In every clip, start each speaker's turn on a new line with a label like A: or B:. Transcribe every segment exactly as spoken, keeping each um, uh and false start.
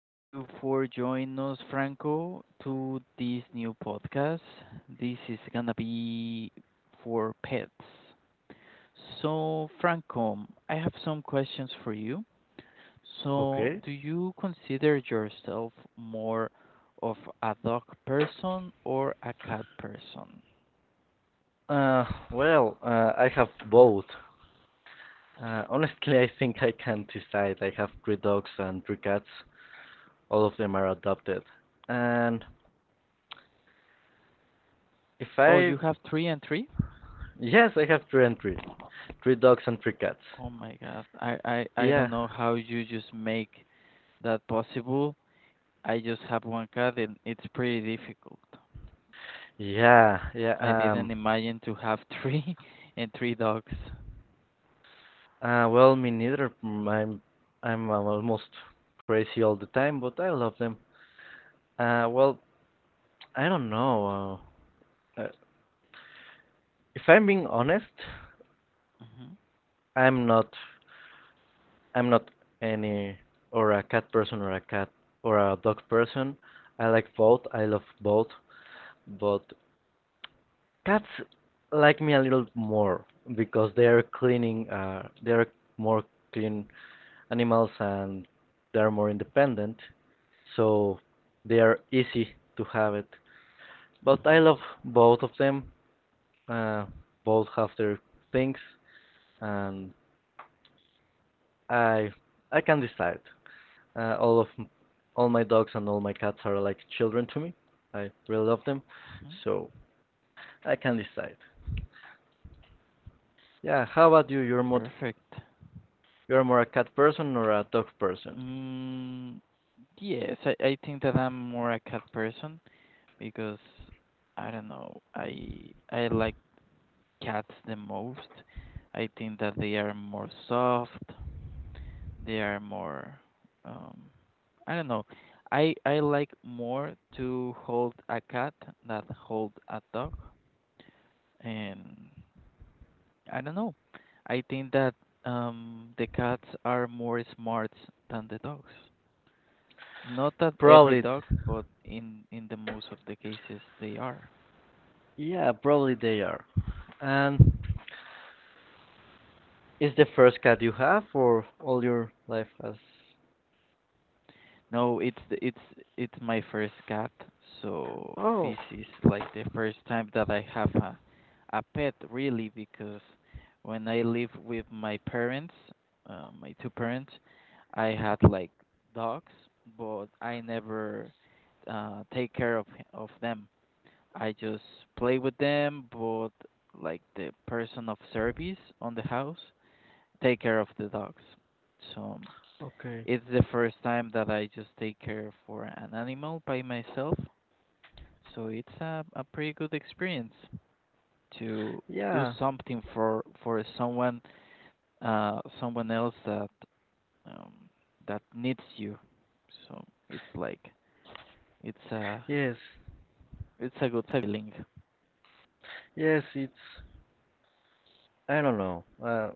A: thank you for joining us, Franco, to this new podcast. This is gonna be for pets. So, Franco, I have some questions for you. So,
B: Okay.
A: do you consider yourself more of a dog person or a cat person?
B: Uh, well, uh, I have both. Uh, honestly, I think I can't decide. I have three dogs and three cats. All of them are adopted. And if
A: Oh,
B: I,
A: you have three and three?
B: Yes, I have three and three, three dogs and three cats.
A: Oh my God, I, I, I
B: Yeah,
A: don't know how you just make that possible. I just have one cat and it's pretty difficult.
B: yeah, yeah.
A: I
B: Um,
A: didn't imagine to have three and three dogs.
B: uh, well, me neither. Mm, I'm, I'm, uh, almost crazy all the time, but I love them. Uh, well, I don't know. Uh, uh, if I'm being honest,
A: hmm
B: I'm not I'm not any, or a cat person, or a cat or a dog person. I like both. I love both, but cats like me a little more because they're cleaning. Uh, they're more clean animals, and they're more independent, so they are easy to have it. But I
A: hmm
B: love both of them. Uh, Both have their things, and I I can decide. Uh, all of all my dogs and all my cats are like children to me. I really love them,
A: hmm
B: so I can decide. Yeah, how about you? You're more
A: Perfect.
B: you're more a cat person or a dog person?
A: Mm, yes, I, I think that I'm more a cat person because I don't know. I I like cats the most. I think that they are more soft. They are more um I don't know. I I like more to hold a cat than hold a dog and I don't know. I think that um the cats are more smart than the dogs. Not that every
B: Probably,
A: dog, but in in the most of the cases they are.
B: yeah, probably they are. And is the first cat you have or all your life has?
A: No, it's the- it's it's my first cat, so
B: Oh,
A: this is like the first time that I have a a pet really because when I live with my parents, uh, my two parents, I had like dogs, but I never uh, take care of of them. I just play with them, but like the person of service on the house take care of the dogs. So.
B: okay.
A: It's the first time that I just take care for an animal by myself, so it's a, a pretty good experience to do
B: Yeah,
A: something for for someone uh someone else that um that needs you. So it's like it's a
B: yes,
A: it's a good feeling.
B: yes. It's I don't know. Uh,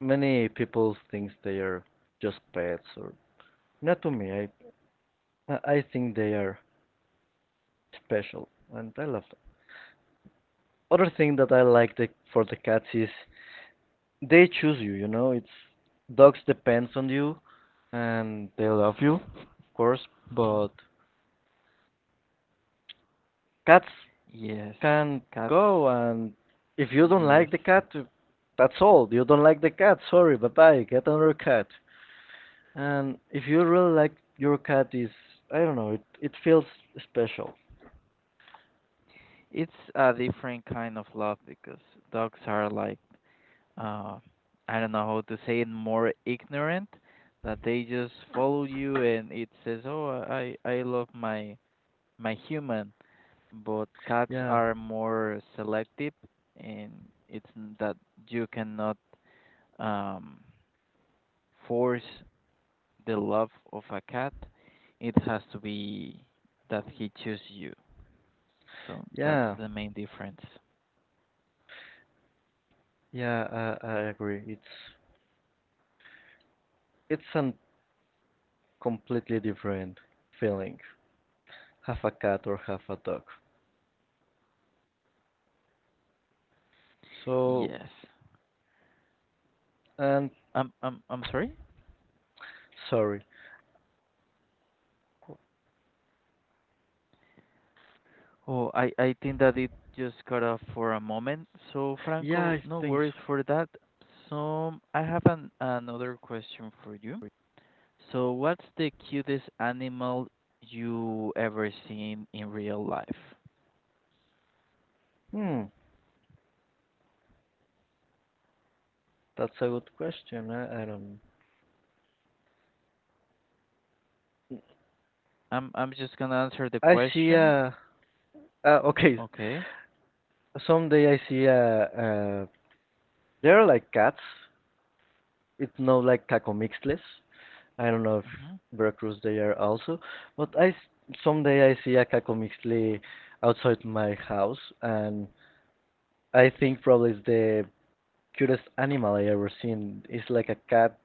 B: Many people think they are just pets, or not to me. I I think they are special, and I love that other thing that I like, the, for the cats, is they choose you, you know it's dogs depends on you, and they love you, of course,
A: Mhm.
B: but cats
A: Yes,
B: can
A: cats.
B: go. And if you don't like
A: Yes,
B: the cat, that's all. You don't like the cat, sorry, bye bye get another cat. And if you really like your cat, is, I don't know, it, it feels special.
A: it's a different kind of love because dogs are like uh, I don't know how to say it, more ignorant, that they just follow you and it says, "Oh, I I love my my human," but cats
B: Yeah,
A: are more selective and it's n- that you cannot um, force the love of a cat. It has to be that he choose you. So that's
B: yeah,
A: the main difference.
B: yeah, i, I agree, it's it's an completely different feeling, have a cat or have a dog. So,
A: Yes.
B: and
A: Um, um, I'm sorry?
B: sorry.
A: Oh, I, I think that it just cut off for a moment. So,
B: Yeah,
A: Franco,
B: I
A: no
B: think
A: worries
B: so.
A: for that. So, I have an, another question for you. So, what's the cutest animal you ever seen in real life?
B: Hmm, that's a good question. I, I don't.
A: I'm I'm just gonna answer the
B: I see
A: question.
B: a. Uh, okay,
A: Okay.
B: someday I see a. Uh, they're like cats. It's not like cacomixles. I don't know if
A: hmm
B: Veracruz they are also, but I s- someday I see a cacomixle outside my house, and I think probably it's the cutest animal I ever seen. It's like a cat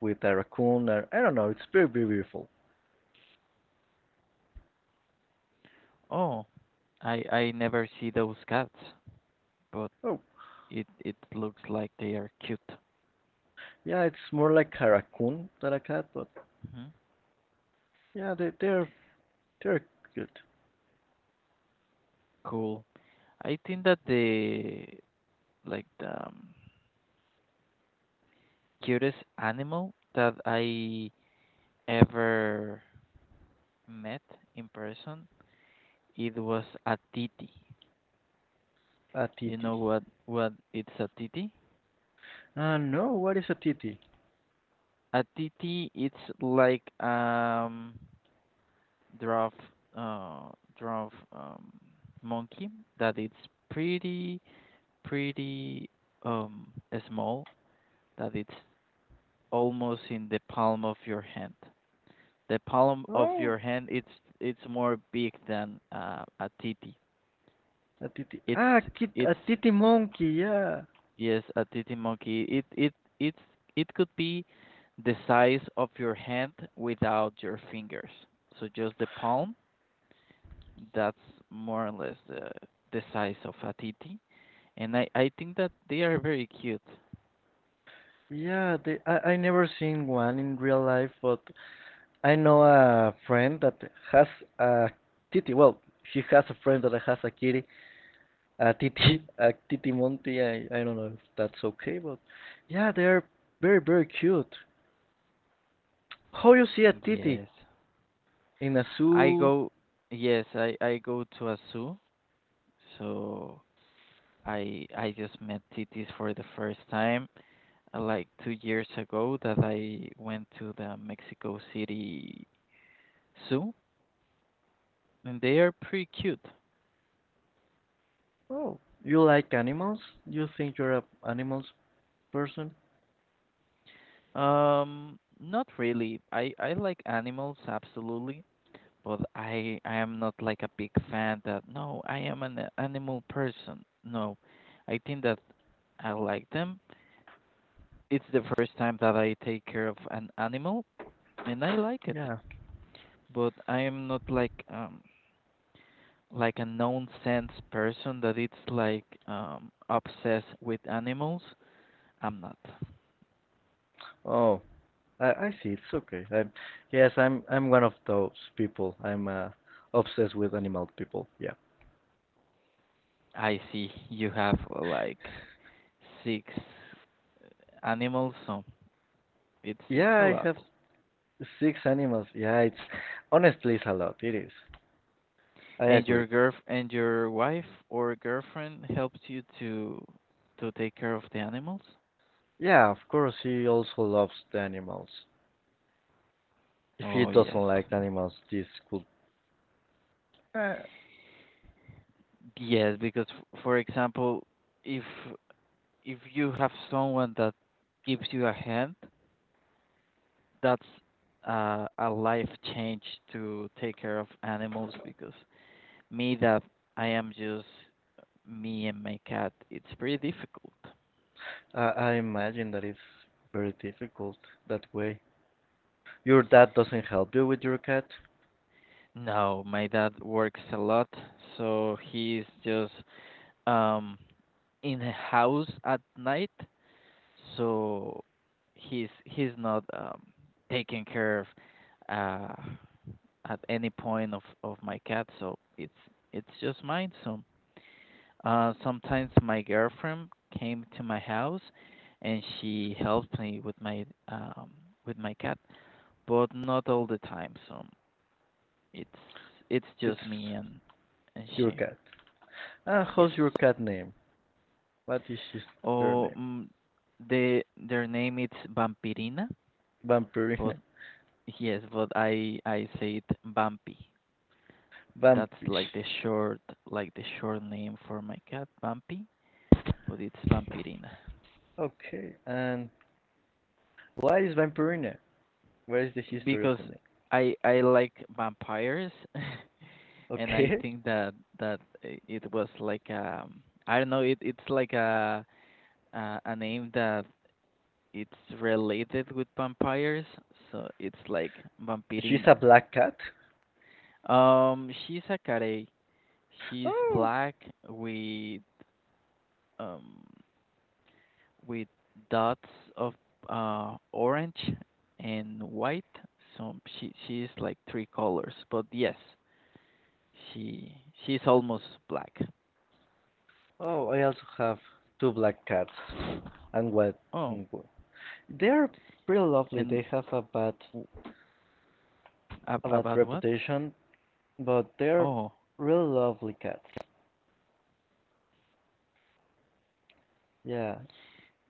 B: with a raccoon. Or, I don't know. It's very, very beautiful.
A: Oh, I I never see those cats, but
B: Oh,
A: it it looks like they are cute.
B: yeah, it's more like a raccoon than a cat, but
A: hmm
B: yeah, they, they're they're good.
A: Cool. I think that the like the um, cutest animal that I ever met in person, it was a titi.
B: A
A: You
B: titi.
A: know what what it's a titi?
B: Ah, Uh, no, what is a titi?
A: A titi it's like um dwarf uh dwarf um monkey that it's pretty pretty um small, that it's almost in the palm of your hand. The palm of
B: Oh,
A: your hand it's it's more big than uh, a titi.
B: a titi.
A: It's
B: Ah, kit, a
A: it's
B: titi monkey. Yeah,
A: yes, a titi monkey. It it it's it could be the size of your hand without your fingers. So just the palm, that's more or less the the size of a titi. And I, I think that they are very cute.
B: yeah. They, I I never seen one in real life, but I know a friend that has a titi. Well, she has a friend that has a kitty Atiti, Atiti Monti, I, I don't know if that's okay, but yeah, they're very, very cute. How you see a titi
A: Yes.
B: in a
A: I
B: zoo?
A: go yes, I, I go to a zoo. So I I just met titis for the first time uh, like two years ago, that I went to the Mexico City. So, and they are pretty cute.
B: Oh, you like animals? You think you're a animals person?
A: Um, not really. I I like animals absolutely, but I I am not like a big fan that no, I am an a- animal person. No, I think that I like them. It's the first time that I take care of an animal, and I like it.
B: Yeah.
A: But I am not like um like a nonsense person that it's like um obsessed with animals. I'm not.
B: Oh, I, I see. It's okay. I'm, yes, I'm, I'm one of those people. I'm uh, obsessed with animal people. Yeah.
A: I see you have uh, like six animals. So it's it's
B: Yeah,
A: a
B: I
A: lot.
B: have six animals. Yeah, it's honestly it's a lot. It is. I
A: And your
B: agree.
A: girl and your wife or girlfriend helps you to to take care of the animals?
B: Yeah, of course he also loves the animals. If he
A: Oh
B: doesn't
A: yes,
B: like animals, this could. Uh,
A: yes. Because f- for example, if if you have someone that gives you a hand, that's uh, a life change to take care of animals. Because me that I am just me and my cat, it's pretty difficult.
B: I imagine that it's very difficult that way. Your dad doesn't help you with your cat.
A: No, my dad works a lot, so he's just um in the house at night, so he's he's not um taking care of uh at any point of of my cat, so it's it's just mine. So uh sometimes my girlfriend came to my house and she helped me with my um with my cat, but not all the time. So it's it's
B: It's
A: just me and and
B: your
A: she.
B: cat. Uh, how's
A: Yes.
B: your cat name? What is his her
A: Oh,
B: name?
A: mm, the their name is Vampirina, but
B: Vampirina.
A: yes, but I I say it Bumpy. That's
B: Vampish.
A: like the short like the short name for my cat, Bumpy, but it's Vampirina
B: Okay. And why is Vampirina? Where is the history of
A: because
B: the name?
A: I I like vampires, and I
B: Okay.
A: think that that i- it was like um I don't know it it's like a a, a name that it's related with vampires, so it's like
B: She's a
A: Vampirina.
B: black cat.
A: Um, she's a carey. She's
B: Oh.
A: black with um with dots of uh orange and white. So she she's like three colors, but yes, she she's almost black.
B: Oh, I also have two black cats. And what?
A: Oh,
B: They are pretty lovely.
A: and
B: They have a bad
A: w- ab-
B: a bad
A: about what?
B: reputation, but they're
A: Oh,
B: really lovely cats. Yeah.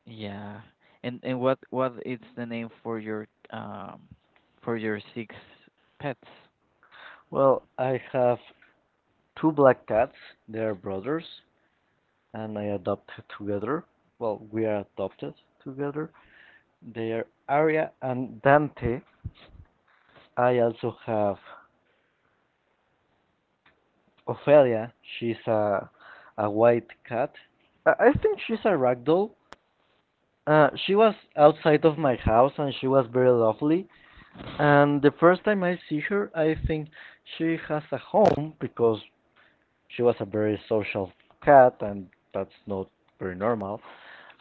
A: yeah. And and what what is the name for your um for your six pets?
B: Well, I have two black cats. They're brothers, and I adopted together. Well, we are adopted together. They are Aria and Dante. I also have Ophelia. She's a a white cat. I think she's a ragdoll. Uh, she was outside of my house, and she was very lovely. And the first time I see her, I think she has a home because she was a very social cat, and that's not very normal.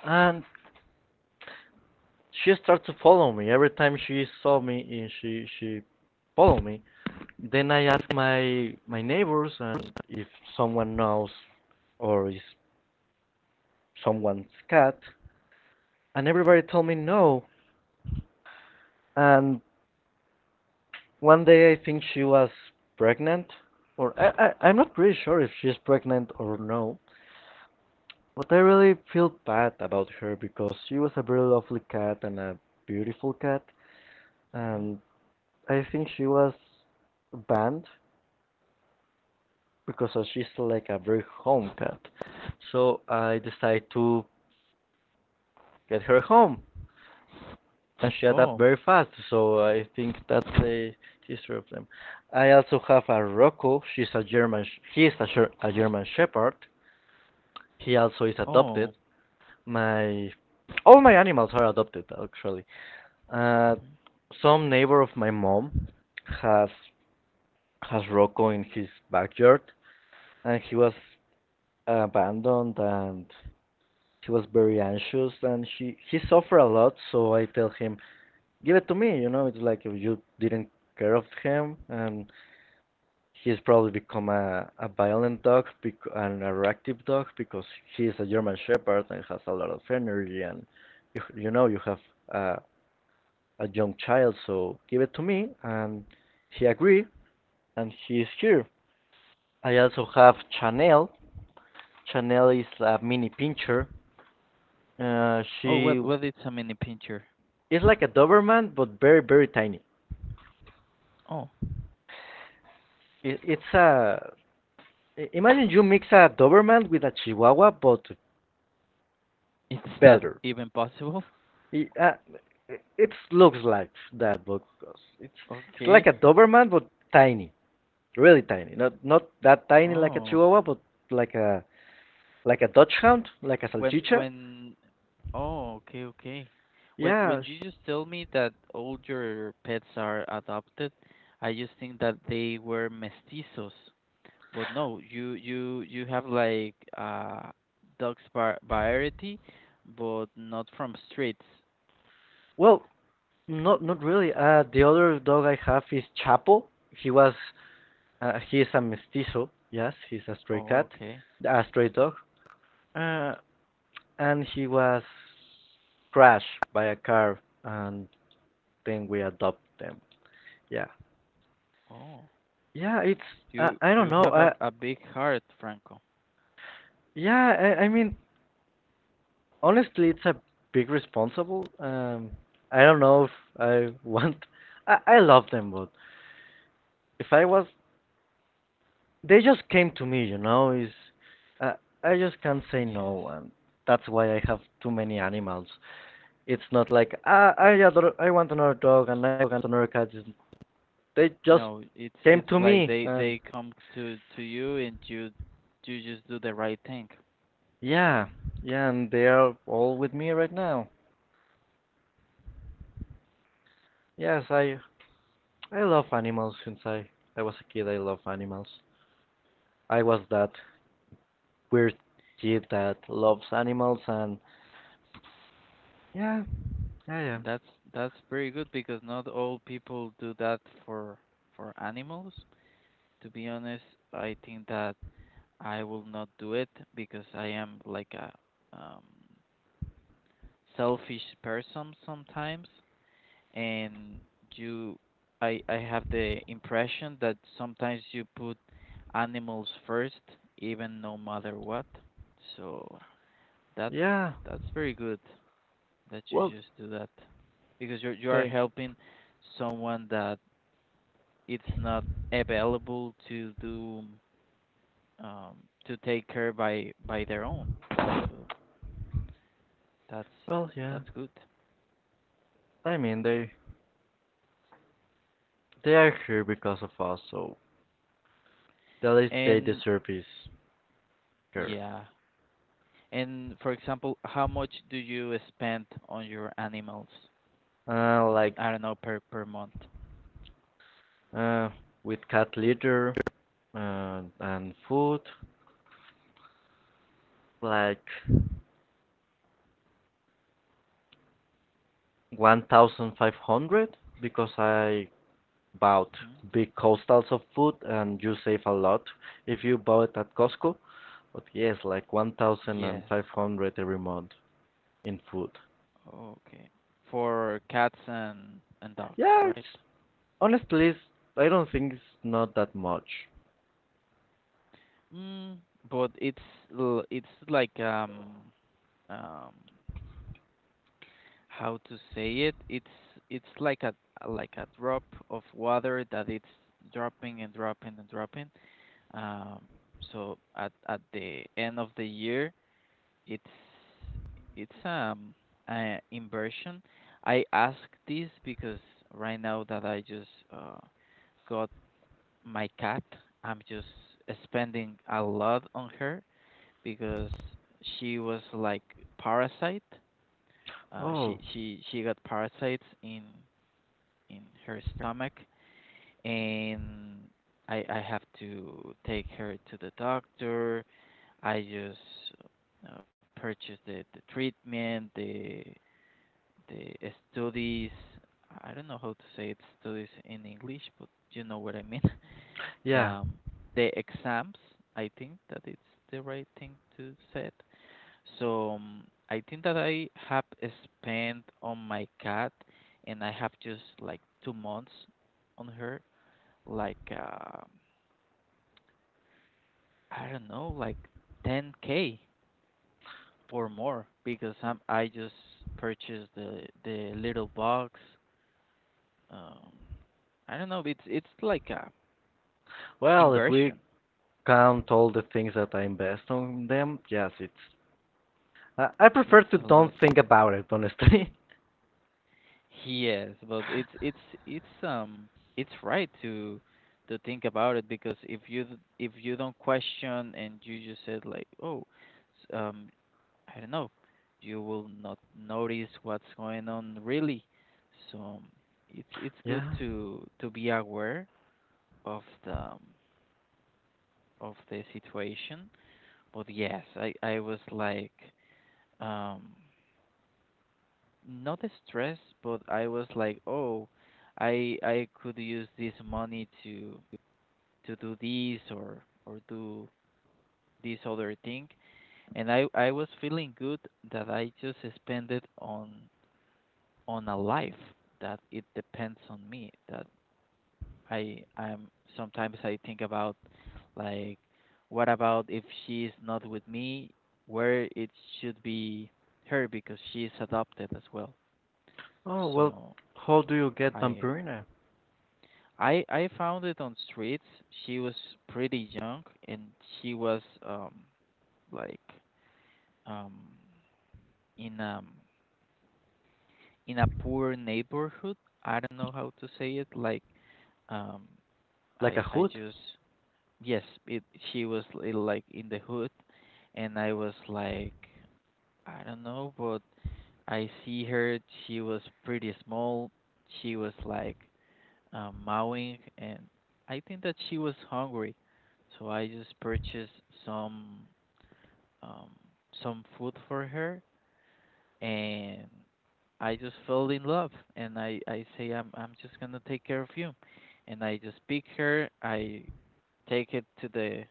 B: And she started to follow me every time she saw me. eh, She she followed me. Then I asked my my neighbors and if someone knows or is someone's cat, and everybody told me no. And one day I think she was pregnant, or I, I I'm not pretty sure if she's pregnant or no. But I really feel bad about her because she was a very lovely cat and a beautiful cat,
A: Mhm.
B: and I think she was banned because uh, she's like a very home cat. So I decided to get her home, and she adapted
A: Oh,
B: very fast. So I think that's the history of them. I also have a Rocco. She's a German. Sh- he is a, Sher- a German Shepherd. He also is adopted.
A: oh.
B: My All my animals are adopted actually. Uh,
A: Mhm.
B: some neighbor of my mom has has Rocco in his backyard, and he was abandoned, and he was very anxious, and she he suffered a lot. So I tell him, give it to me. You know, it's like if you didn't care of him, and he's probably become a, a violent dog bec- and a reactive dog because he is a German Shepherd and has a lot of energy, and you, you know you have uh, a young child, so give it to me. And he agreed, and he is here. I also have Chanel. Chanel is a mini pincher. Uh,
A: Oh,
B: she
A: what what is a mini pincher?
B: is like a Doberman, but very, very tiny.
A: Oh,
B: It, it's a Imagine you mix a Doberman with a Chihuahua, but
A: is that
B: better.
A: even possible?
B: I- uh, it looks like that, because it's it's
A: Okay.
B: like a Doberman, but tiny, really tiny. Not not that tiny like a
A: Oh,
B: Chihuahua, but like a like a Dutch hound, like a
A: when
B: salchicha.
A: when oh, okay, okay. When
B: Yeah.
A: when you
B: sh-
A: just tell me that all your pets are adopted, I just think that they were mestizos. Well, no, you you you have like uh dogs var variety, but not from streets.
B: Well, not not really. Uh, the other dog I have is Chapo. He was uh, he is a mestizo. Yes, he's a stray
A: Oh,
B: cat,
A: okay.
B: a stray dog. Uh, and he was crashed by a car, and then we adopt them. Yeah.
A: Oh,
B: Yeah. It's uh,
A: you
B: I don't
A: you
B: know.
A: have a
B: Uh,
A: a big heart, Franco.
B: yeah. I, I mean, honestly, it's a big responsible. Um, I don't know if I want. I I love them, but if I was they just came to me, you know. Is uh, I just can't say
A: Yes.
B: no, and that's why I have too many animals. It's not like, ah, I ador- I want another dog and I want another cat. It's- They just
A: No, it's
B: came to
A: it's like
B: me,
A: they
B: and
A: they come to to you and you you just do the right thing.
B: yeah, yeah, and they are all with me right now. Yes, I I love animals since I I was a kid. I love animals. I was that weird kid that loves animals, and yeah, yeah, yeah,
A: That's that's very good because not all people do that for for animals. To be honest, I think that I will not do it because I am like a um, selfish person sometimes, and you, I, I have the impression that sometimes you put animals first, even no matter what. So that's
B: yeah.
A: that's very good that you
B: Well,
A: just do that because you you are
B: thanks.
A: helping someone that it's not available to do um, to take care by by their own. So That's
B: Well, yeah.
A: that's good.
B: I mean, they They are here because of us, so that is they
A: And
B: deserve is here.
A: yeah. And for example, how much do you spend on your animals?
B: Uh, like,
A: I don't know, per per month.
B: uh, with cat litter, uh, and food, like one thousand five hundred because I bought
A: hmm
B: big costals of food and you save a lot if you buy it at Costco. But yes, like
A: Yes.
B: one thousand five hundred every month in food.
A: Okay. For cats and and dogs,
B: Yeah,
A: right?
B: it's, honestly, it's, I don't think it's not that much.
A: Mm, but it's l- it's like um um how to say it? It's it's like a like a drop of water that it's dropping and dropping and dropping. Um, so at at the end of the year, it's it's um an inversion. I ask this because right now that I just uh, got my cat, I'm just spending a lot on her because she was like parasite. Uh, she
B: Oh,
A: she she got parasites in in her stomach, and I I have to take her to the doctor. I just uh, purchased the, the treatment, the the studies. I don't know how to say it, studies in English, but you know what I mean. The
B: yeah.
A: um, the exams. I think that it's the right thing to say. So um, I think that I have spent on my cat, and I have just like two months on her, like um I don't know, like ten k. Or more because I'm, I just purchased the the little box. Um, I don't know. It's it's like a
B: Well, if we
A: inversion.
B: count all the things that I invest on them, yes, it's. I, I prefer
A: It's
B: to
A: a
B: don't
A: lot.
B: think about it, honestly.
A: Yes, but it's it's it's um it's right to to think about it because if you d- if you don't question and you just said like oh s- um I don't know, you will not notice what's going on really. So um, it's it's good
B: Yeah.
A: to to be aware of the um, of the situation. But yes, I, I was like, um, not stressed, but I was like, oh, I I could use this money to to do this or or do this other thing, and I I was feeling good that I just spend it on on a life that it depends on me, that I I'm sometimes I think about like what about if she's not with me, where it should be her, because she's adopted as well.
B: Oh well,
A: So
B: how do you get
A: I
B: Vampirina?
A: I I found it on streets. She was pretty young and she was um like um in um in a poor neighborhood. I don't know how to say it, like um
B: Like
A: I
B: a
A: I
B: hood?
A: just yes, it she was li- like in the hood, and I was like, I don't know, but I see her. She was pretty small. She was like uh, mowing, and I think that she was hungry, so I just purchased some um, some food for her, and I just fell in love. And I I say I'm I'm just gonna take care of you, and I just pick her. I take it to the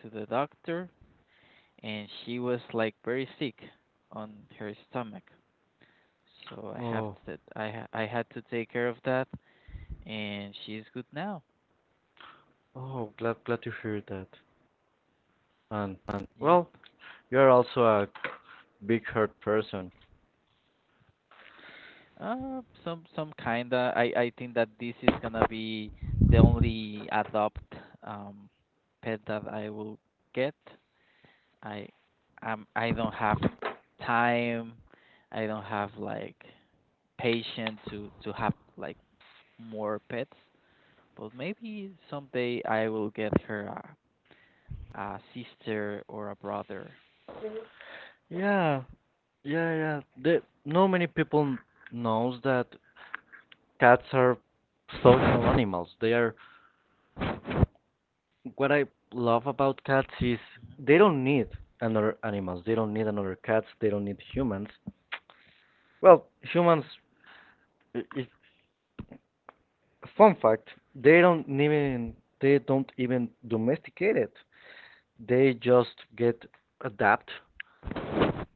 A: to the doctor and she was like very sick on her stomach. So I have
B: Oh,
A: to I ha- I had to take care of that, and she's good now.
B: oh, glad glad to hear that. And and
A: Yep.
B: well, you're also a big hurt person.
A: Uh, some some kinda. I I think that this is gonna be the only adopt um pet that I will get. I um I don't have time. I don't have like patient to to have like more pets. But maybe someday I will get her a, a sister or a brother.
B: Yeah, yeah, yeah. The, no many people knows that cats are social animals. They are What I love about cats is
A: Mhm.
B: they don't need another animals. They don't need another cats. They don't need humans. Well, humans. i- i- Fun fact: they don't even they don't even domesticate it. They just get adapt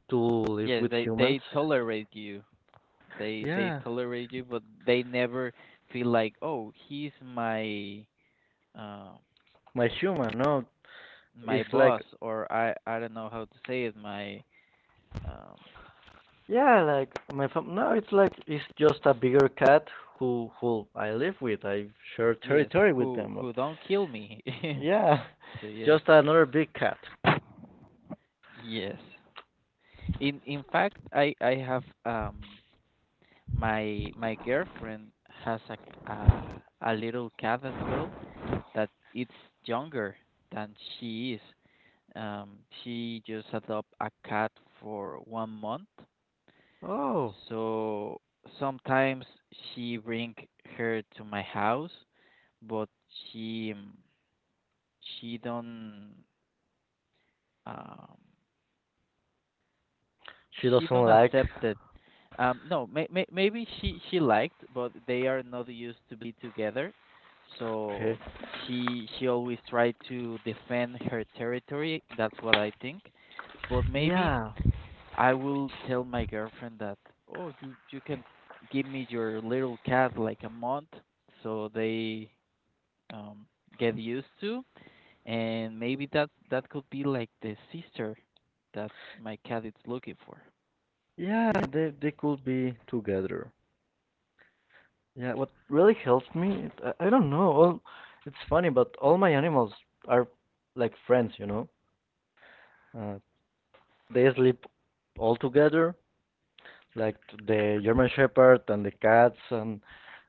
B: to live
A: Yes,
B: with
A: they
B: humans.
A: they tolerate you. They they
B: Yeah,
A: tolerate you, but they never feel like, oh, he's my uh,
B: my human. No,
A: my
B: it's
A: boss,
B: like,
A: or I I don't know how to say it, my um
B: yeah, like my fam. No, it's like it's just a bigger cat who who I live with. I share
A: yes,
B: territory with
A: who
B: them.
A: who don't kill me.
B: Yeah,
A: So yes,
B: just another big cat.
A: yes. In in fact, I I have um my my girlfriend has a uh, a little cat as well that it's younger than she is. Um, she just adopt a cat for one month,
B: Oh,
A: so sometimes she bring her to my house, but she um, she don't um
B: she
A: she
B: doesn't
A: don't
B: like
A: accept it. Um, no, may, may, maybe she she liked, but they are not used to be together.
B: her.
A: So she she always tried to defend her territory. That's what I think. But maybe
B: Yeah,
A: I will tell my girlfriend that oh you you can give me your little cat like a month, so they um, get used to, and maybe that that could be like the sister that my cat is looking for.
B: yeah, they they could be together. Yeah, what really helps me, I, I don't know. All, it's funny, but all my animals are like friends, you know. Uh, they sleep all together, like the German Shepherd and the cats, and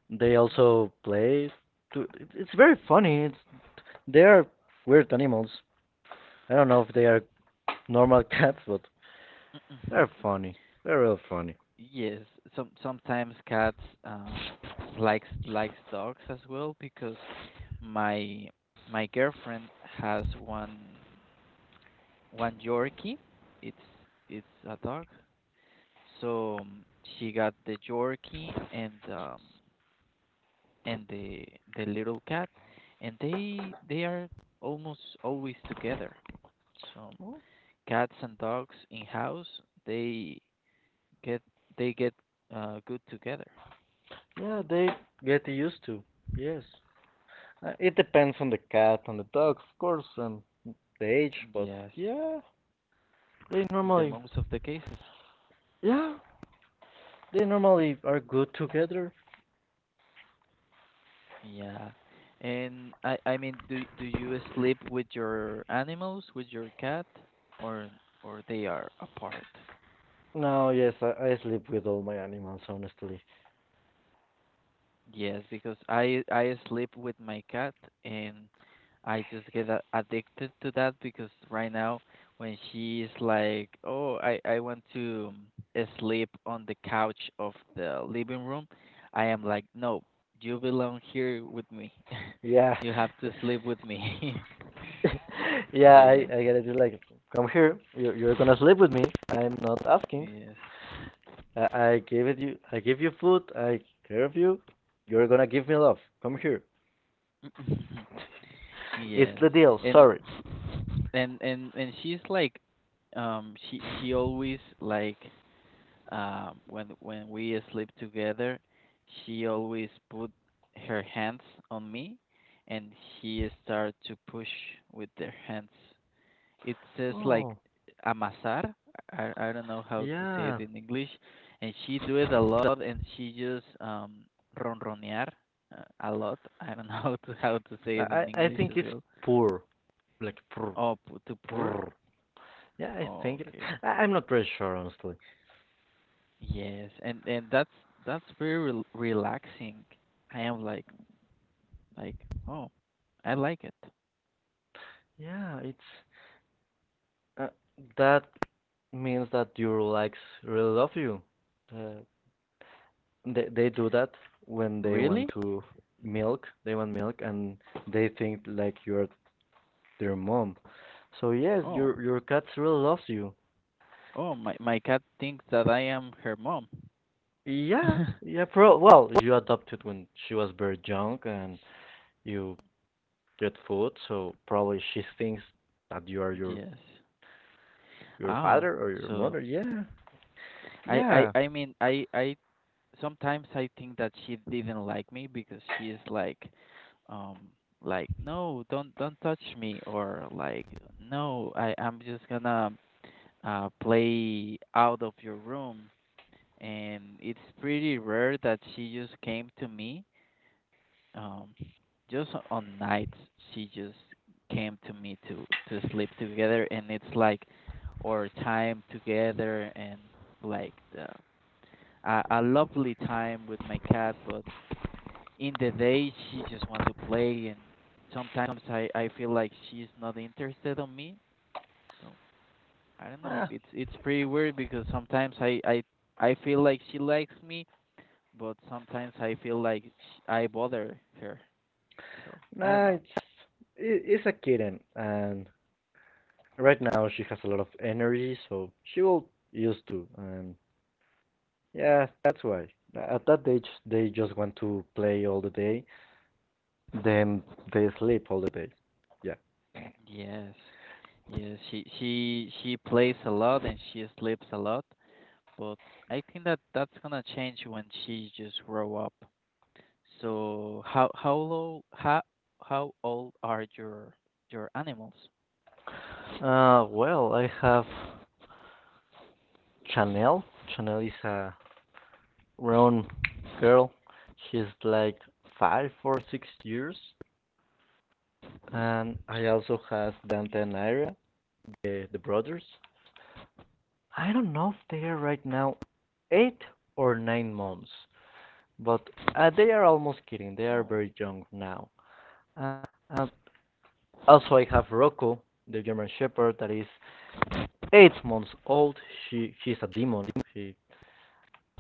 B: they
A: Mm-hmm.
B: also play. To, it, it's very funny. It's, they are weird animals. I don't know if they are normal cats, but
A: Mhm.
B: they're funny. They're real funny.
A: Yes, some sometimes cats um likes likes dogs as well because my my girlfriend has one one Yorkie. It's it's a dog. So um, she got the Yorkie and um and the the little cat and they they are almost always together. So
B: Well,
A: cats and dogs in house, they get they get uh, good together.
B: yeah, they get used to. Yes. Uh, it depends on the cat, on the dog, of course, and the age, but
A: Yes,
B: yeah, they
A: the
B: normally,
A: most of the cases.
B: yeah, they normally are good together.
A: Yeah, and I I mean, do do you sleep with your animals, with your cat, or or they are apart?
B: No, yes, I, I sleep with all my animals, honestly.
A: Yes, because I I sleep with my cat and I just get a- addicted to that because right now when she's like, "Oh, I I want to uh, sleep on the couch of the living room." I am like, "No, you belong here with me.
B: Yeah,
A: You have to sleep with me."
B: yeah,
A: So
B: I,
A: yes,
B: I get it. You like, come here, you're, you're gonna sleep with me. I'm not asking.
A: yes,
B: I, I gave it you, I give you food, I care of you. You're gonna give me love. Come here. It's
A: yes,
B: the deal.
A: and
B: Sorry.
A: and and and she's like, um, she she always like Um, when when we sleep together, she always put her hands on me, and she start to push with their hands. It says like
B: Oh,
A: amasar. I I don't know how to say
B: yeah.
A: it in English, and she do it a lot, and she just um ronronear uh, a lot. I don't know how to how to
B: I
A: say it in
B: I I
A: English
B: think
A: as
B: it's
A: well.
B: poor, like poor,
A: Oh, pu- to pour.
B: poor. Yeah, I think
A: Oh,
B: it.
A: okay.
B: I, I'm not pretty sure, honestly.
A: Yes, and and that's that's very rel relaxing. I am like, Like, oh, I like it.
B: Yeah, it's uh, that means that your likes really love you. Uh, they they do that when they want
A: Really?
B: to milk. They want milk, and they think like you're their mom. So yes,
A: Oh,
B: your your cat really loves you.
A: oh, my my cat thinks that I am her mom.
B: Yeah, yeah, pro. Well, you adopted when she was very young, and you get food, so probably she thinks that you are your
A: Yes.
B: your
A: Oh,
B: father or your
A: so
B: mother. Yeah,
A: I I
B: yeah.
A: I mean I I sometimes I think that she didn't like me because she is like um like no don't don't touch me, or like no, I I'm just gonna uh play out of your room, and it's pretty rare that she just came to me um just on nights she just came to me to to sleep together, and it's like our time together and like the a, a lovely time with my cat. But in the day she just want to play, and sometimes i i feel like she's not interested on me, so I don't know.
B: Ah,
A: it's it's pretty weird because sometimes i i i feel like she likes me, but sometimes I feel like sh- I bother her, so I don't
B: nah,
A: know.
B: it's it, it's a kitten, and right now she has a lot of energy, so she will used to. And yeah, that's why. At that age, they just want to play all the day, then they sleep all the day. Yeah.
A: Yes. Yes, she she she plays a lot and she sleeps a lot, but I think that that's gonna change when she just grow up. So how how low how how old are your your animals?
B: Uh, well, I have Chanel. Chanel is a grown girl. She's like five or six years, and I also have Dante and Ira, the the brothers. I don't know if they are right now eight or nine months, but uh, they are almost kidding. They are
A: Oh,
B: very young now. Uh, and also, I have Rocco, the German Shepherd, that is eight months old. She she's a demon. She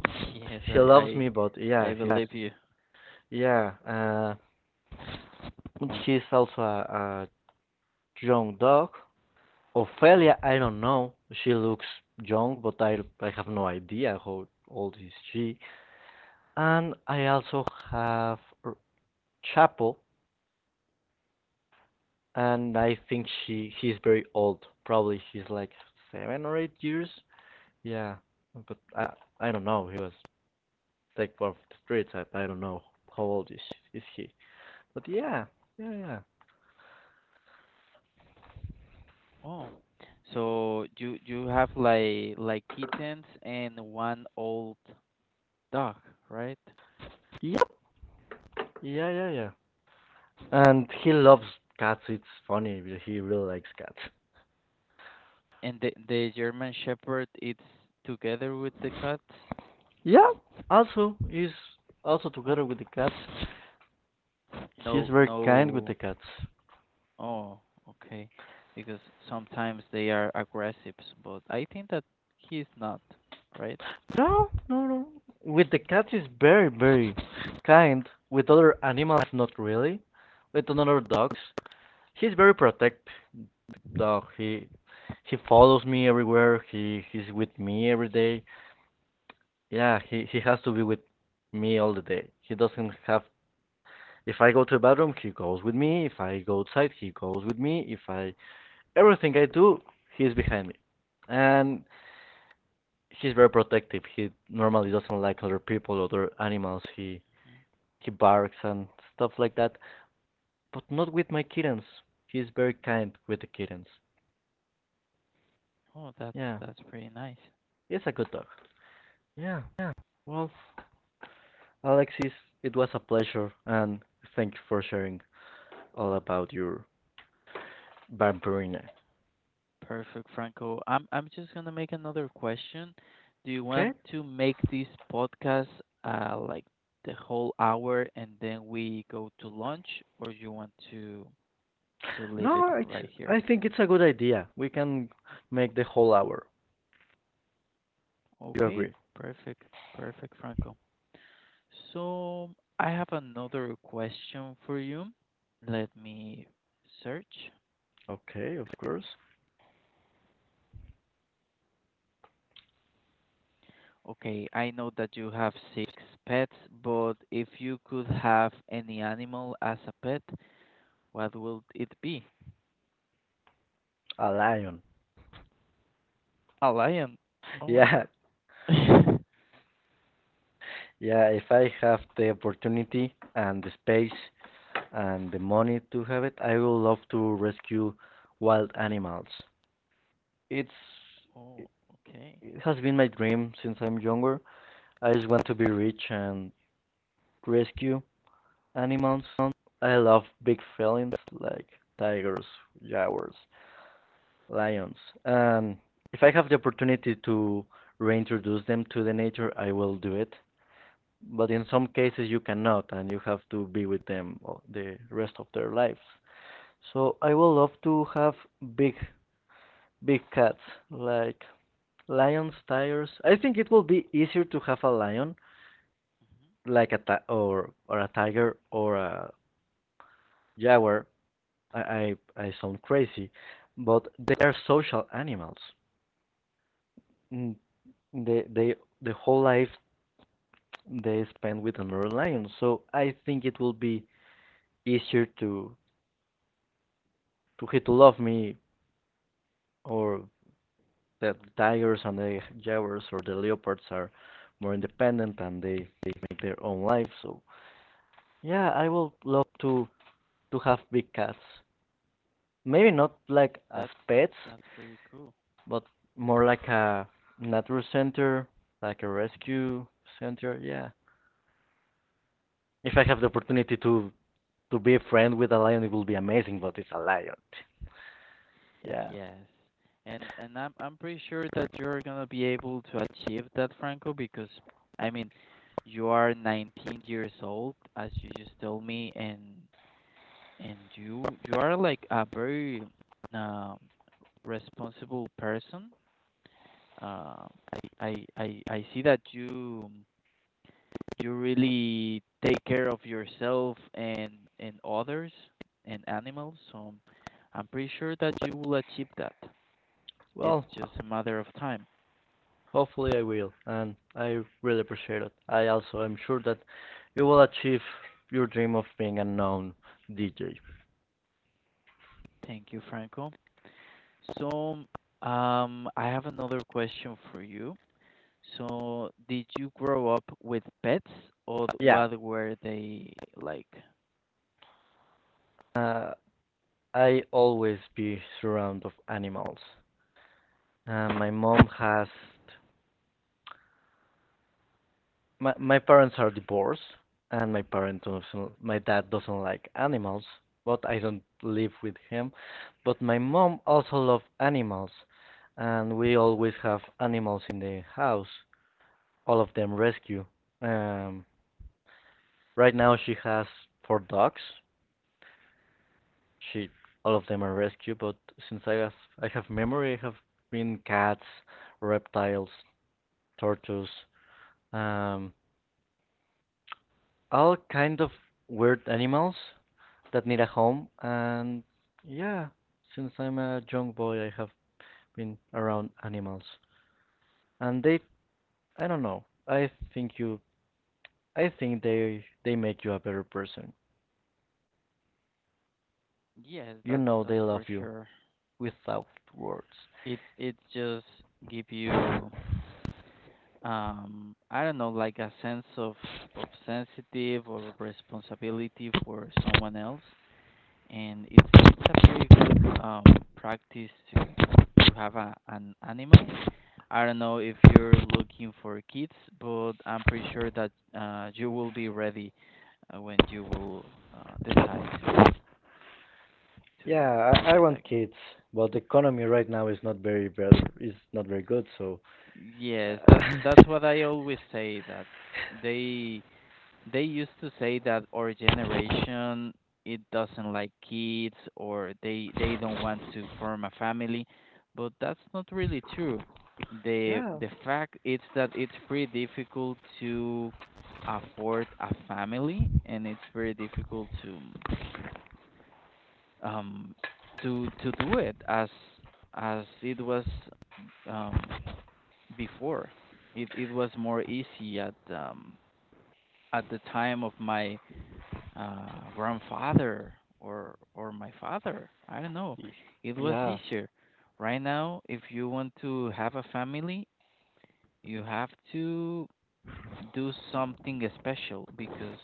A: yes,
B: she loves
A: I
B: me, but
A: I I
B: yeah, she's
A: believe you.
B: yeah. Uh, she's also a, a young dog. Ophelia, I don't know. She looks young, but I I have no idea how old is she. And I also have Chapel, and I think she he's very old. Probably he's like seven or eight years. Yeah, but I I don't know. He was like one of the streets. I, I don't know how old is is he. But yeah, yeah, yeah.
A: Oh, so you you have like like kittens and one old dog, right?
B: Yep. Yeah, yeah, yeah. And he loves cats. It's funny. He really likes cats.
A: And the the German Shepherd is together with the cats.
B: Yeah. Also, he's also
A: Oh.
B: together with the cats. He's
A: No,
B: very kind with the
A: no.
B: cats.
A: Oh, okay. Because sometimes they are aggressive, but I think that he's not, right?
B: No, no, no. With the cats, he's very, very kind. With other animals, not really. With another dogs, he's very protect. Dog, he he follows me everywhere. He he's with me every day. Yeah, he he has to be with me all the day. He doesn't have. If I go to the bathroom, he goes with me. If I go outside, he goes with me. If I everything I do, he's behind me, and he's very protective. He normally doesn't like other people, other animals. He
A: Mhm.
B: he barks and stuff like that, but not with my kittens. He's very kind with the kittens.
A: Oh, that's
B: Yeah,
A: that's pretty nice.
B: he's a good dog. Yeah, yeah. Well, Alexis, it was a pleasure, and thank you for sharing all about your vampirina.
A: Perfect, Franco. I'm I'm just gonna make another question. Do you want
B: Okay.
A: to make this podcast uh like the whole hour and then we go to lunch, or you want to to leave it
B: No, it's.
A: right
B: I
A: here?
B: think it's a good idea. We can make the whole hour. You agree?
A: Okay, perfect, perfect, Franco. So I have another question for you. Let me search.
B: Okay, of course.
A: Okay, I know that you have six pets, but if you could have any animal as a pet, what would it be?
B: A lion.
A: A lion. Oh my
B: Yeah,
A: God.
B: yeah. If I have the opportunity and the space and the money to have it, I would love to rescue wild animals. It's it
A: Oh, okay.
B: has been my dream since I'm younger. I just want to be rich and rescue animals. I love big felines like tigers, jaguars, lions, and if I have the opportunity to reintroduce them to the nature, I will do it. But in some cases you cannot and you have to be with them o- the rest of their lives. So I would love to have big big cats like lions, tigers. I think it will be easier to have a lion like a ti- or or a tiger or a jaguar. i i, I sound crazy, but they are social animals. Mm, they they the whole life they spend with another lion, so I think it will be easier to to he to love me. Or that the tigers and the jaguars or the leopards are more independent and they, they make their own life. So yeah, I would love to to have big cats. Maybe
A: Oh,
B: not like as
A: that's
B: pets,
A: that's pretty cool.
B: but more like a nature center, like a
A: Hmm.
B: rescue center. Yeah. If I have the opportunity to to be a friend with a lion, it will be amazing. But it's a lion. Yeah.
A: Yes. And and I'm I'm pretty sure that you're gonna be able to achieve that, Franco, because I mean, you are nineteen years old, as you just told me, and and you you are like a very um responsible person. Um, I I I I see that you you really take care of yourself and and others and animals, so I'm pretty sure that you will achieve that. It's
B: Well,
A: just a matter of time.
B: hopefully I will, and I really appreciate it. I also am sure that you will achieve your dream of being a known D J.
A: Thank you, Franco. So, um, I have another question for you. So, did you grow up with pets, or
B: Yeah,
A: what were they like?
B: uh, I always be surrounded of animals. Uh, my mom has my my parents are divorced, and my parent doesn't my dad doesn't like animals, but I don't live with him. But my mom also loves animals, and we always have animals in the house, all of them rescue. Um, right now she has four dogs. She all of them are rescue, but since I have I have memory, I have been cats, reptiles, tortoise, um, all kind of weird animals that need a home. And yeah, since I'm a young boy, I have been around animals, and they I don't know. I think you I think they they make you a better person.
A: Yes,
B: You
A: that's
B: know they
A: that's for
B: love you
A: sure.
B: without words.
A: It it just give you um I don't know like a sense of of sensitive or responsibility for someone else, and it's it's a pretty good um practice to to have a an animal. I don't know if you're looking for kids, but I'm pretty sure that uh, you will be ready uh, when you will uh, decide to to
B: Yeah,
A: to
B: I, I
A: get a.
B: want kids, but the economy right now is not very very is not very good. So,
A: Yes, that's
B: uh,
A: that's what I always say that they They used to say that our generation it doesn't like kids, or they they don't want to form a family, but that's not really true. The
B: yeah,
A: the fact is that it's pretty difficult to afford a family, and it's very difficult to um to to do it as as it was um before. It it was more easy at um at the time of my uh, grandfather or or my father. I don't know. It was
B: yeah,
A: easier. Right now, if you want to have a family, you have to do something special because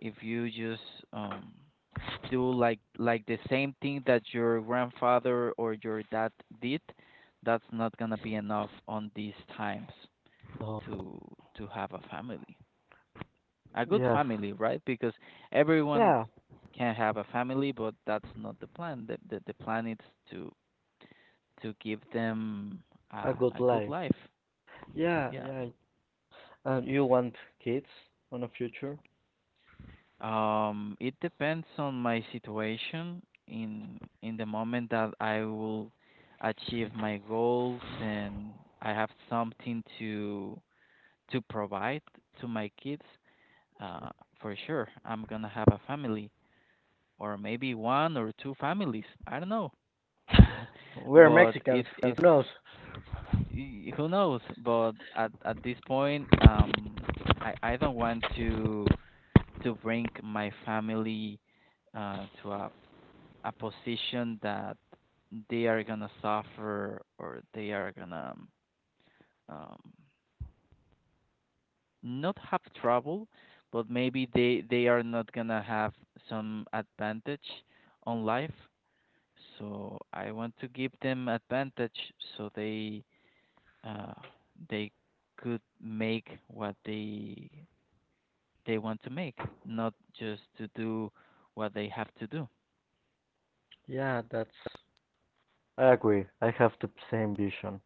A: if you just um do like like the same thing that your grandfather or your dad did, that's not gonna be enough on these times
B: oh,
A: to to have a family. A good
B: yes,
A: family, right? Because everyone
B: yeah,
A: can have a family, but that's not the plan. The the, the plan is to to give them
B: a
A: a,
B: good
A: a good
B: life.
A: life.
B: Yeah,
A: Yeah.
B: yeah. And you want kids on the future?
A: Um, it depends on my situation in in the moment that I will achieve my goals and I have something to to provide to my kids. Uh, for sure, I'm gonna have a family, or maybe one or two families. I don't know.
B: We're
A: But
B: Mexicans,
A: it
B: and
A: it's
B: who knows?
A: y- who knows? But at at this point, um, I I don't want to to bring my family uh to a a position that they are gonna suffer, or they are gonna um not have trouble, but maybe they they are not gonna have some advantage on life. So I want to give them advantage so they uh, they could make what they they want to make, not just to do what they have to do.
B: Yeah, that's. I agree. I have the same vision.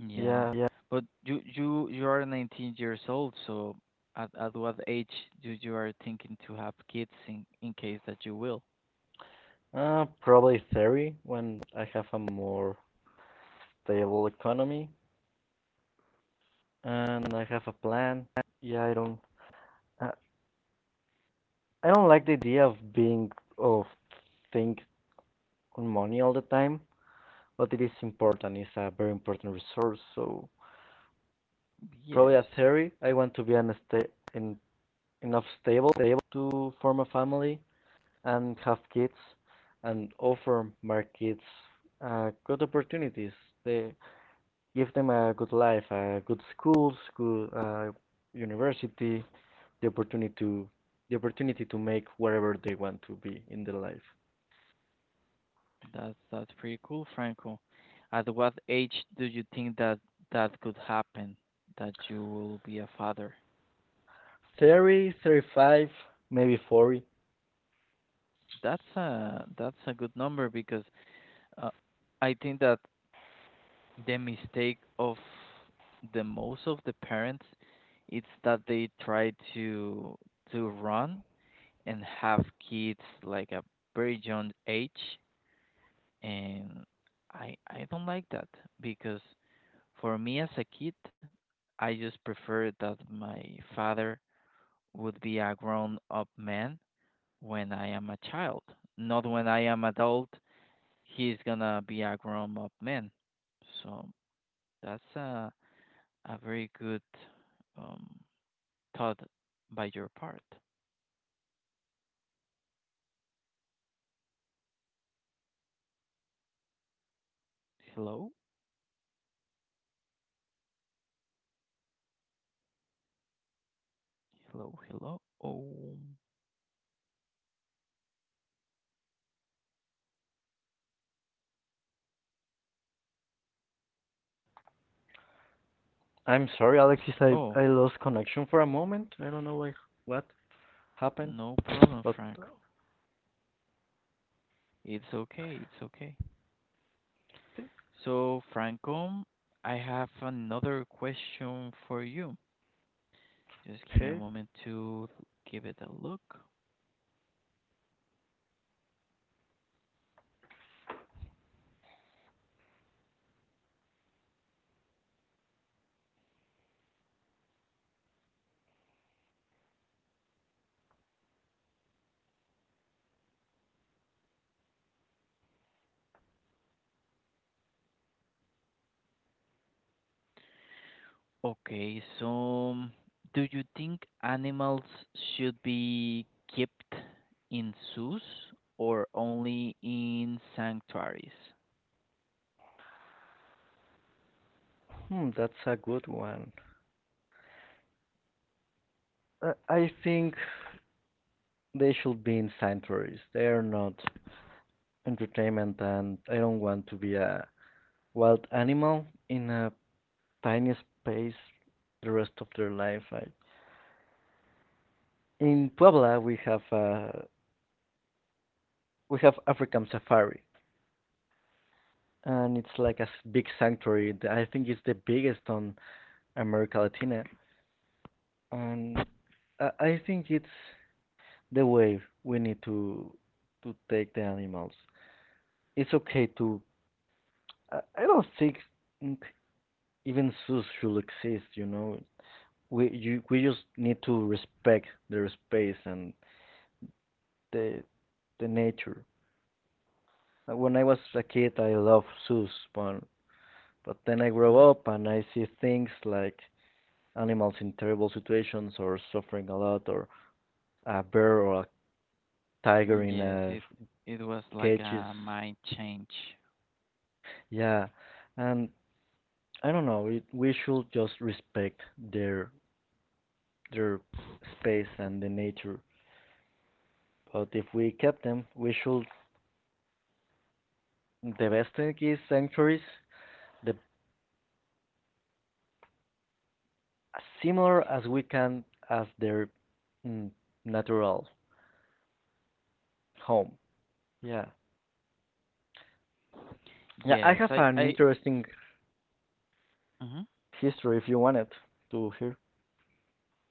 A: Yeah,
B: Yeah, yeah.
A: but you you you are nineteen years old, so at at what age do you are thinking to have kids in in case that you will?
B: Uh, probably theory when I have a more stable economy and I have a plan. Yeah, I don't Uh, I don't like the idea of being of think on money all the time, but it is important. It's a very important resource. So probably a
A: Yes,
B: theory. I want to be an sta- in, enough stable stable to form a family and have kids, and offer my kids uh, good opportunities. They give them a good life, a good schools, good uh, university, the opportunity to the opportunity to make whatever they want to be in their life.
A: that's that's pretty cool, Franco. At what age do you think that that could happen? That you will be a father?
B: Thirty, thirty-five, maybe forty.
A: That's a that's a good number because Uh, I think that the mistake of the most of the parents it's that they try to to run and have kids like a very young age, and I I don't like that because for me as a kid I just prefer that my father would be a grown up man when I am a child. Not when I am adult, he's gonna be a grown up man. So that's a, a very good um, thought by your part. Hello, hello, hello. Oh, oh, no problem, Franco. It's okay, it's okay. So, Franco, I have another question for you. Just give me a moment to give it a look. Okay, so um, do you think animals should be kept in zoos or only in sanctuaries? Hmm? Yes, it it was like a mind change. Yes, I I mhm.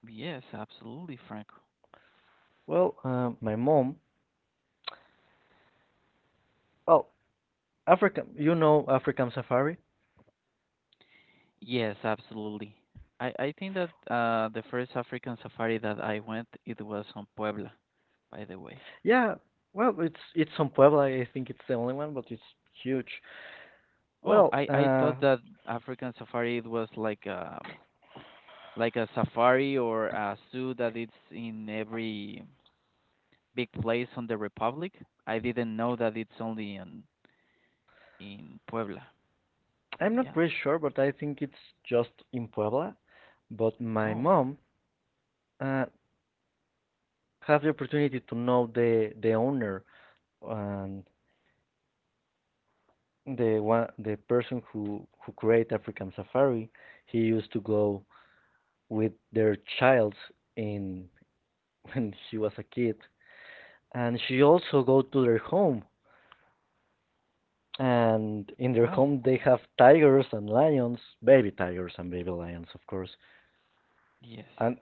A: Yes, absolutely, Franco. Yes, absolutely. I I think that uh the first African safari that I went it was on Puebla, by the way. Oh, I I thought that African safari it was like um like a safari or a zoo that it's in every big place on the republic. I didn't know that it's only in in Puebla. But yeah. Oh, oh, yes.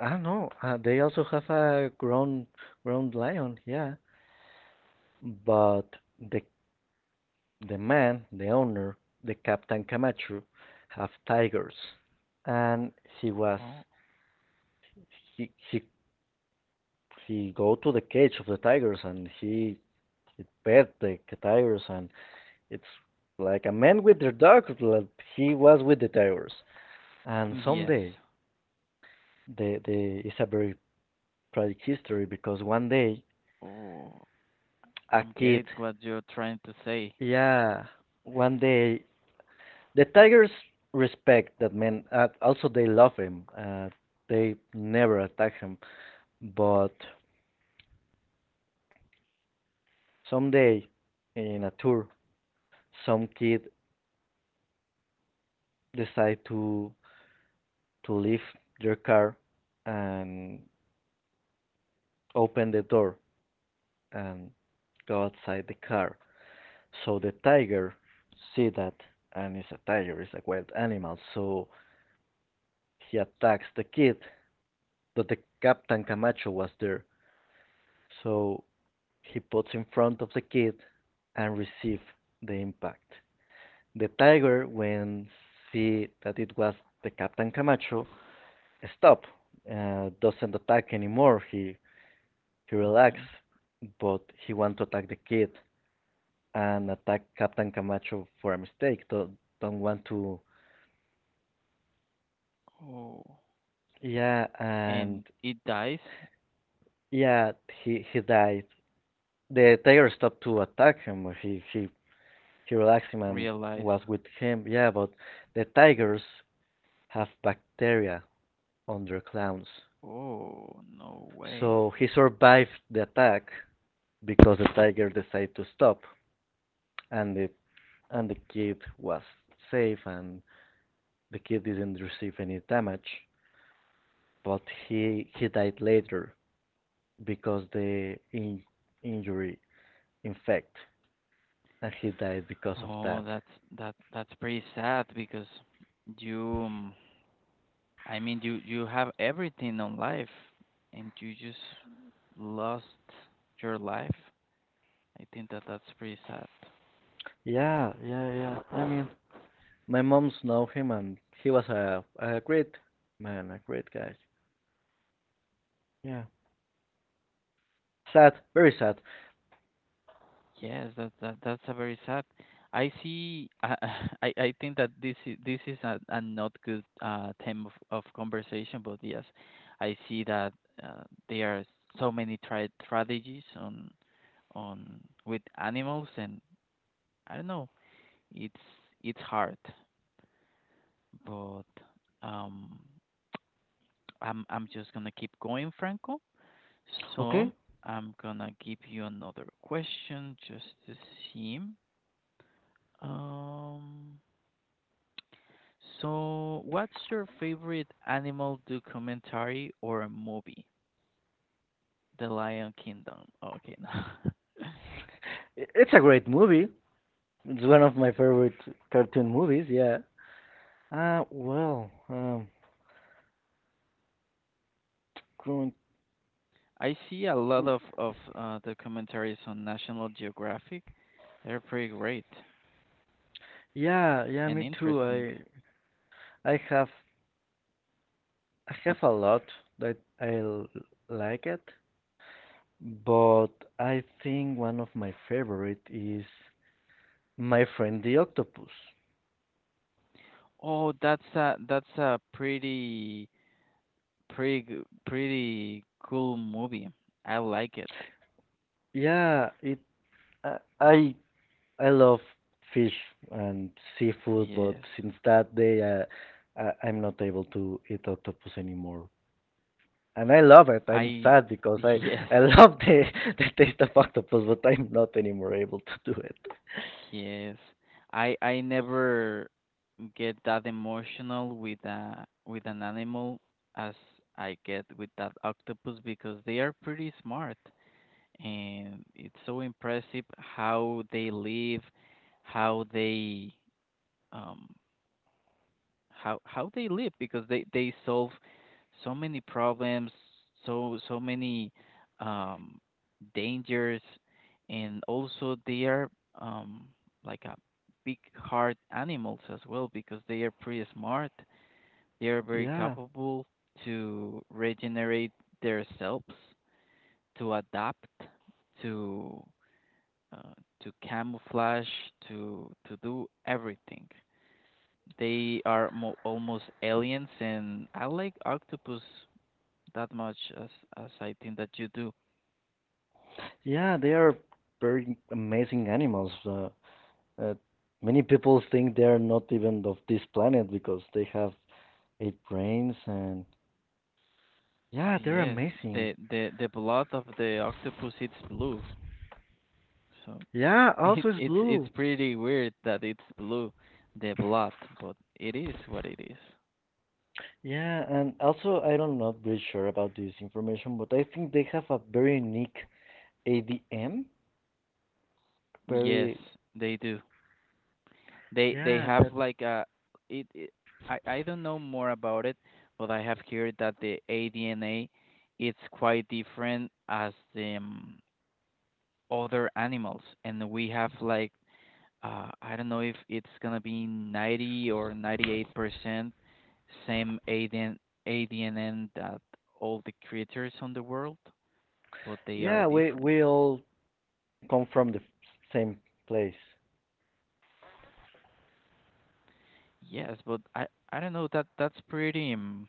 A: Oh, yes. Oh, I'm getting what you're trying to say. hmm Oh, and it dies. Realize. Oh, no way. Oh, that's that that's pretty sad because you. I mean, you you have everything on life, and you just lost your life. I think that that's pretty sad. Yes, that that that's a very sad. I see. I I, I think that this is this is a, a not good uh time of, of conversation. But yes, I see that uh, there are so many tra- strategies on on with animals, and I don't know. It's it's hard, but um. I'm I'm just gonna keep going, Franco. So I'm gonna give you another question just to see. Um, so what's your favorite animal documentary or a movie? The Lion Kingdom. Okay, no. I see a lot of of uh, documentaries on National Geographic. They're pretty great and interesting. Oh, that's a that's a pretty Pretty pretty cool movie. I like it. Yes. I yes. Yes. I I never get that emotional with a with an animal as I get with that octopus because they are pretty smart, and it's so impressive how they live, how they um how how they live because they they solve so many problems, so so many um dangers, and also they are um like a big heart animals as well because they are pretty smart, they are very capable to regenerate themselves, to adapt to uh, to camouflage, to to do everything. They are mo almost aliens, and I like octopus that much as as I think that you do. Yes, the the the blood of the octopus it's blue, so it it's it's pretty weird that it's blue, the blood, but it is what it is. Yes, they do. They they have like a it, it I I don't know more about it, but I have heard that the A D N A it's quite different as the um, other animals, and we have like uh, I don't know if it's gonna be ninety or ninety-eight percent same A D N A D N that all the creatures on the world, but they are different. Yes, but I I don't know that that's pretty um,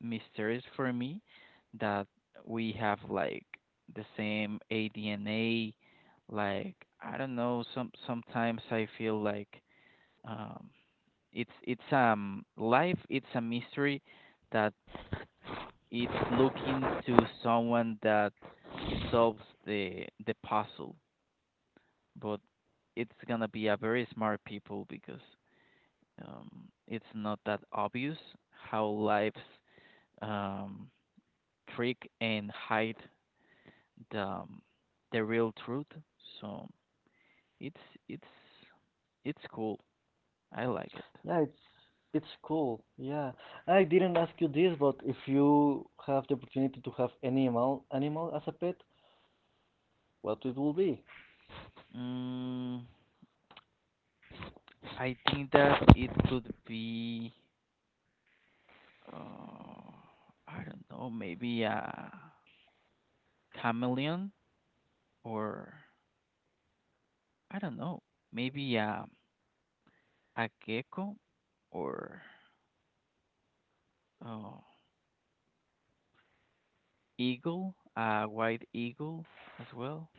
A: mysterious for me that we have like the same A D N A. Like I don't know, some sometimes I feel like um it's it's um life it's a mystery that it's looking to someone that solves the the puzzle, but it's gonna be a very smart people because um it's not that obvious how lives um trick and hide the um, the real truth. So it's it's it's cool, I like it. mm, I think that it could be Uh, I don't know. Maybe a chameleon, or I don't know. Maybe a a gecko, or oh, eagle, a white eagle as well.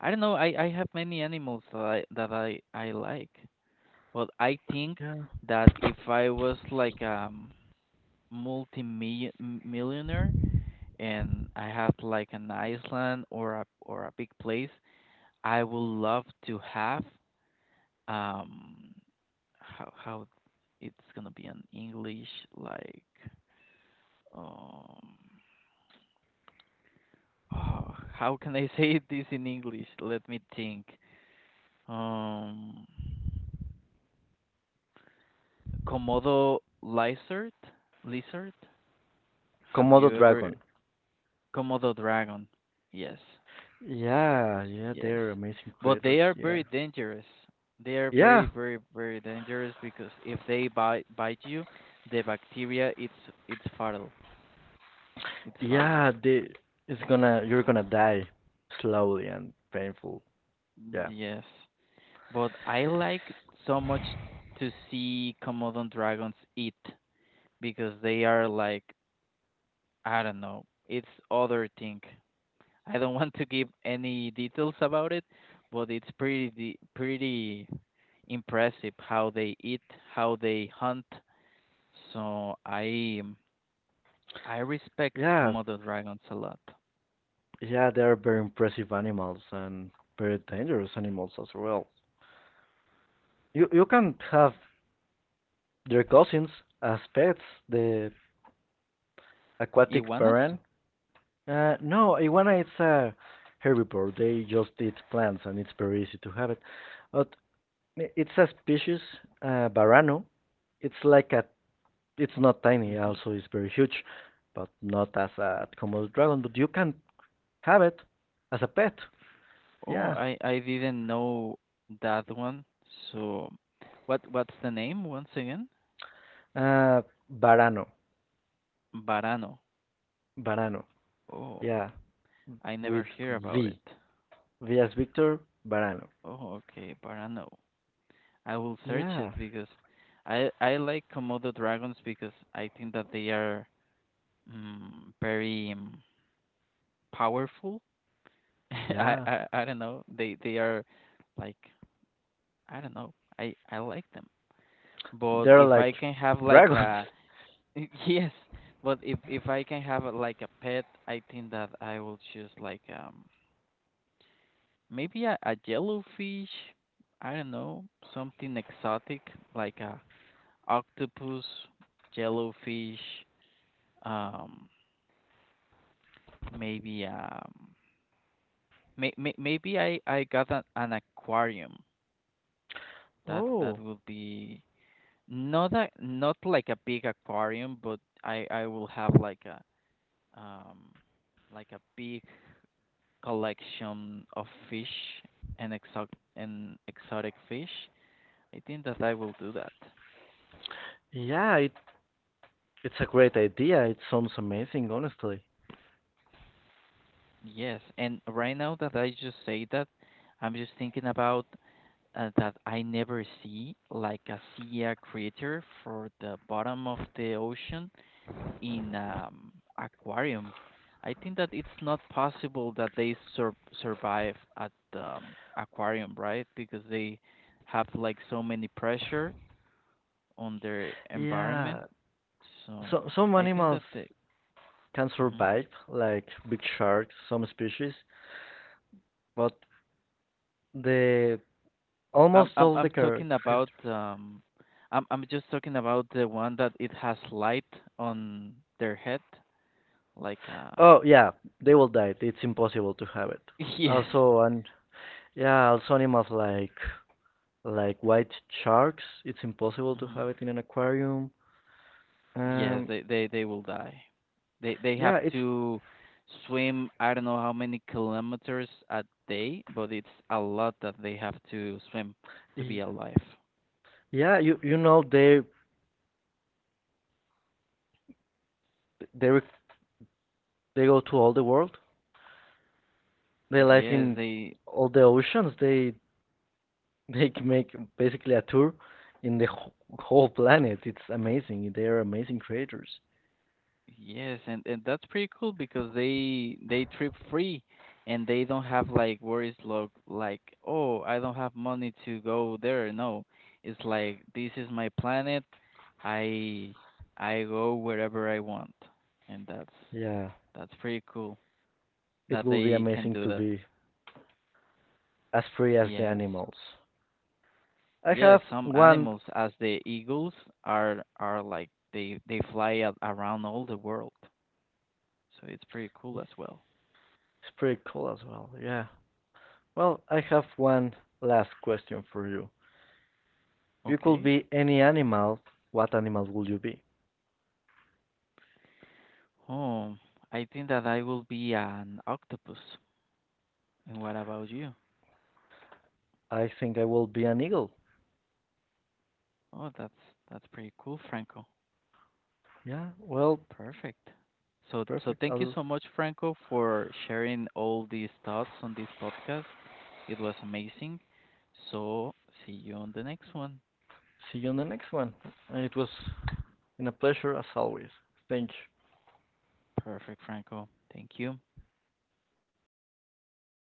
A: I don't know. I I have many animals that I that I I like, but I think that if I was like um multi-millionaire and I had like an island or a or a big place, I would love to have um how how it's gonna be in English, like um oh, how can I say this in English? Let me think. Um Komodo lizard lizard? Have you ever Komodo dragon? Yes. Yes. But they are very dangerous. They are very, very, very dangerous because if they bite bite you, the bacteria it's it's fatal. It's fatal. Yes, but I like so much to see Komodo dragons eat because they are like, I don't know, it's other thing. I don't want to give any details about it, but it's pretty de- pretty impressive how they eat, how they hunt. So I I respect Komodo dragons a lot. Iguanas? Mm-hmm. Oh, I I didn't know that one. So, what what's the name once again? Barano. Oh, I never hear about it. Oh, okay, Barano. I will search it because I I like Komodo dragons because I think that they are mm, very mm, powerful. I, I I don't know. They they are like I don't know. I I like them. But if I can have like a yes, but if if I can have a, like a pet, I think that I will choose like um maybe a, a jellyfish. I don't know, something exotic like a octopus, jellyfish. Um, maybe um, may, may, maybe I I got an, an aquarium. That that would be not a not like a big aquarium, but I I will have like a um like a big collection of fish and exotic and exotic fish, I think that I will do that. Yes, and right now that I just say that, I'm just thinking about uh, that I never see like a sea uh, creature for the bottom of the ocean in um, aquarium. I think that it's not possible that they sur- survive at the um, aquarium, right? Because they have like so many pressure on their environment. So I think that the mhm. I'm I'm I'm talking about um I'm I'm just talking about the one that it has light on their head, like um yes, hmm yes they they they will die. They they have to swim I don't know how many kilometers a day, but it's a lot that they have to swim to be alive. Yes, they Yes, and and that's pretty cool because they they trip free, and they don't have like worries like like oh, I don't have money to go there. No, it's like this is my planet. I I go wherever I want, and that's that's pretty cool that they can do that. Yes. Yes, some animals as the eagles are are like they they fly a around all the world. So it's pretty cool as well. Okay. Oh, I think that I will be an octopus. And what about you? Oh, that's that's pretty cool, Franco. Perfect. So so thank you so much, Franco, for sharing all these thoughts on this podcast. It was amazing. So see you on the next one. Perfect, Franco. Thank you.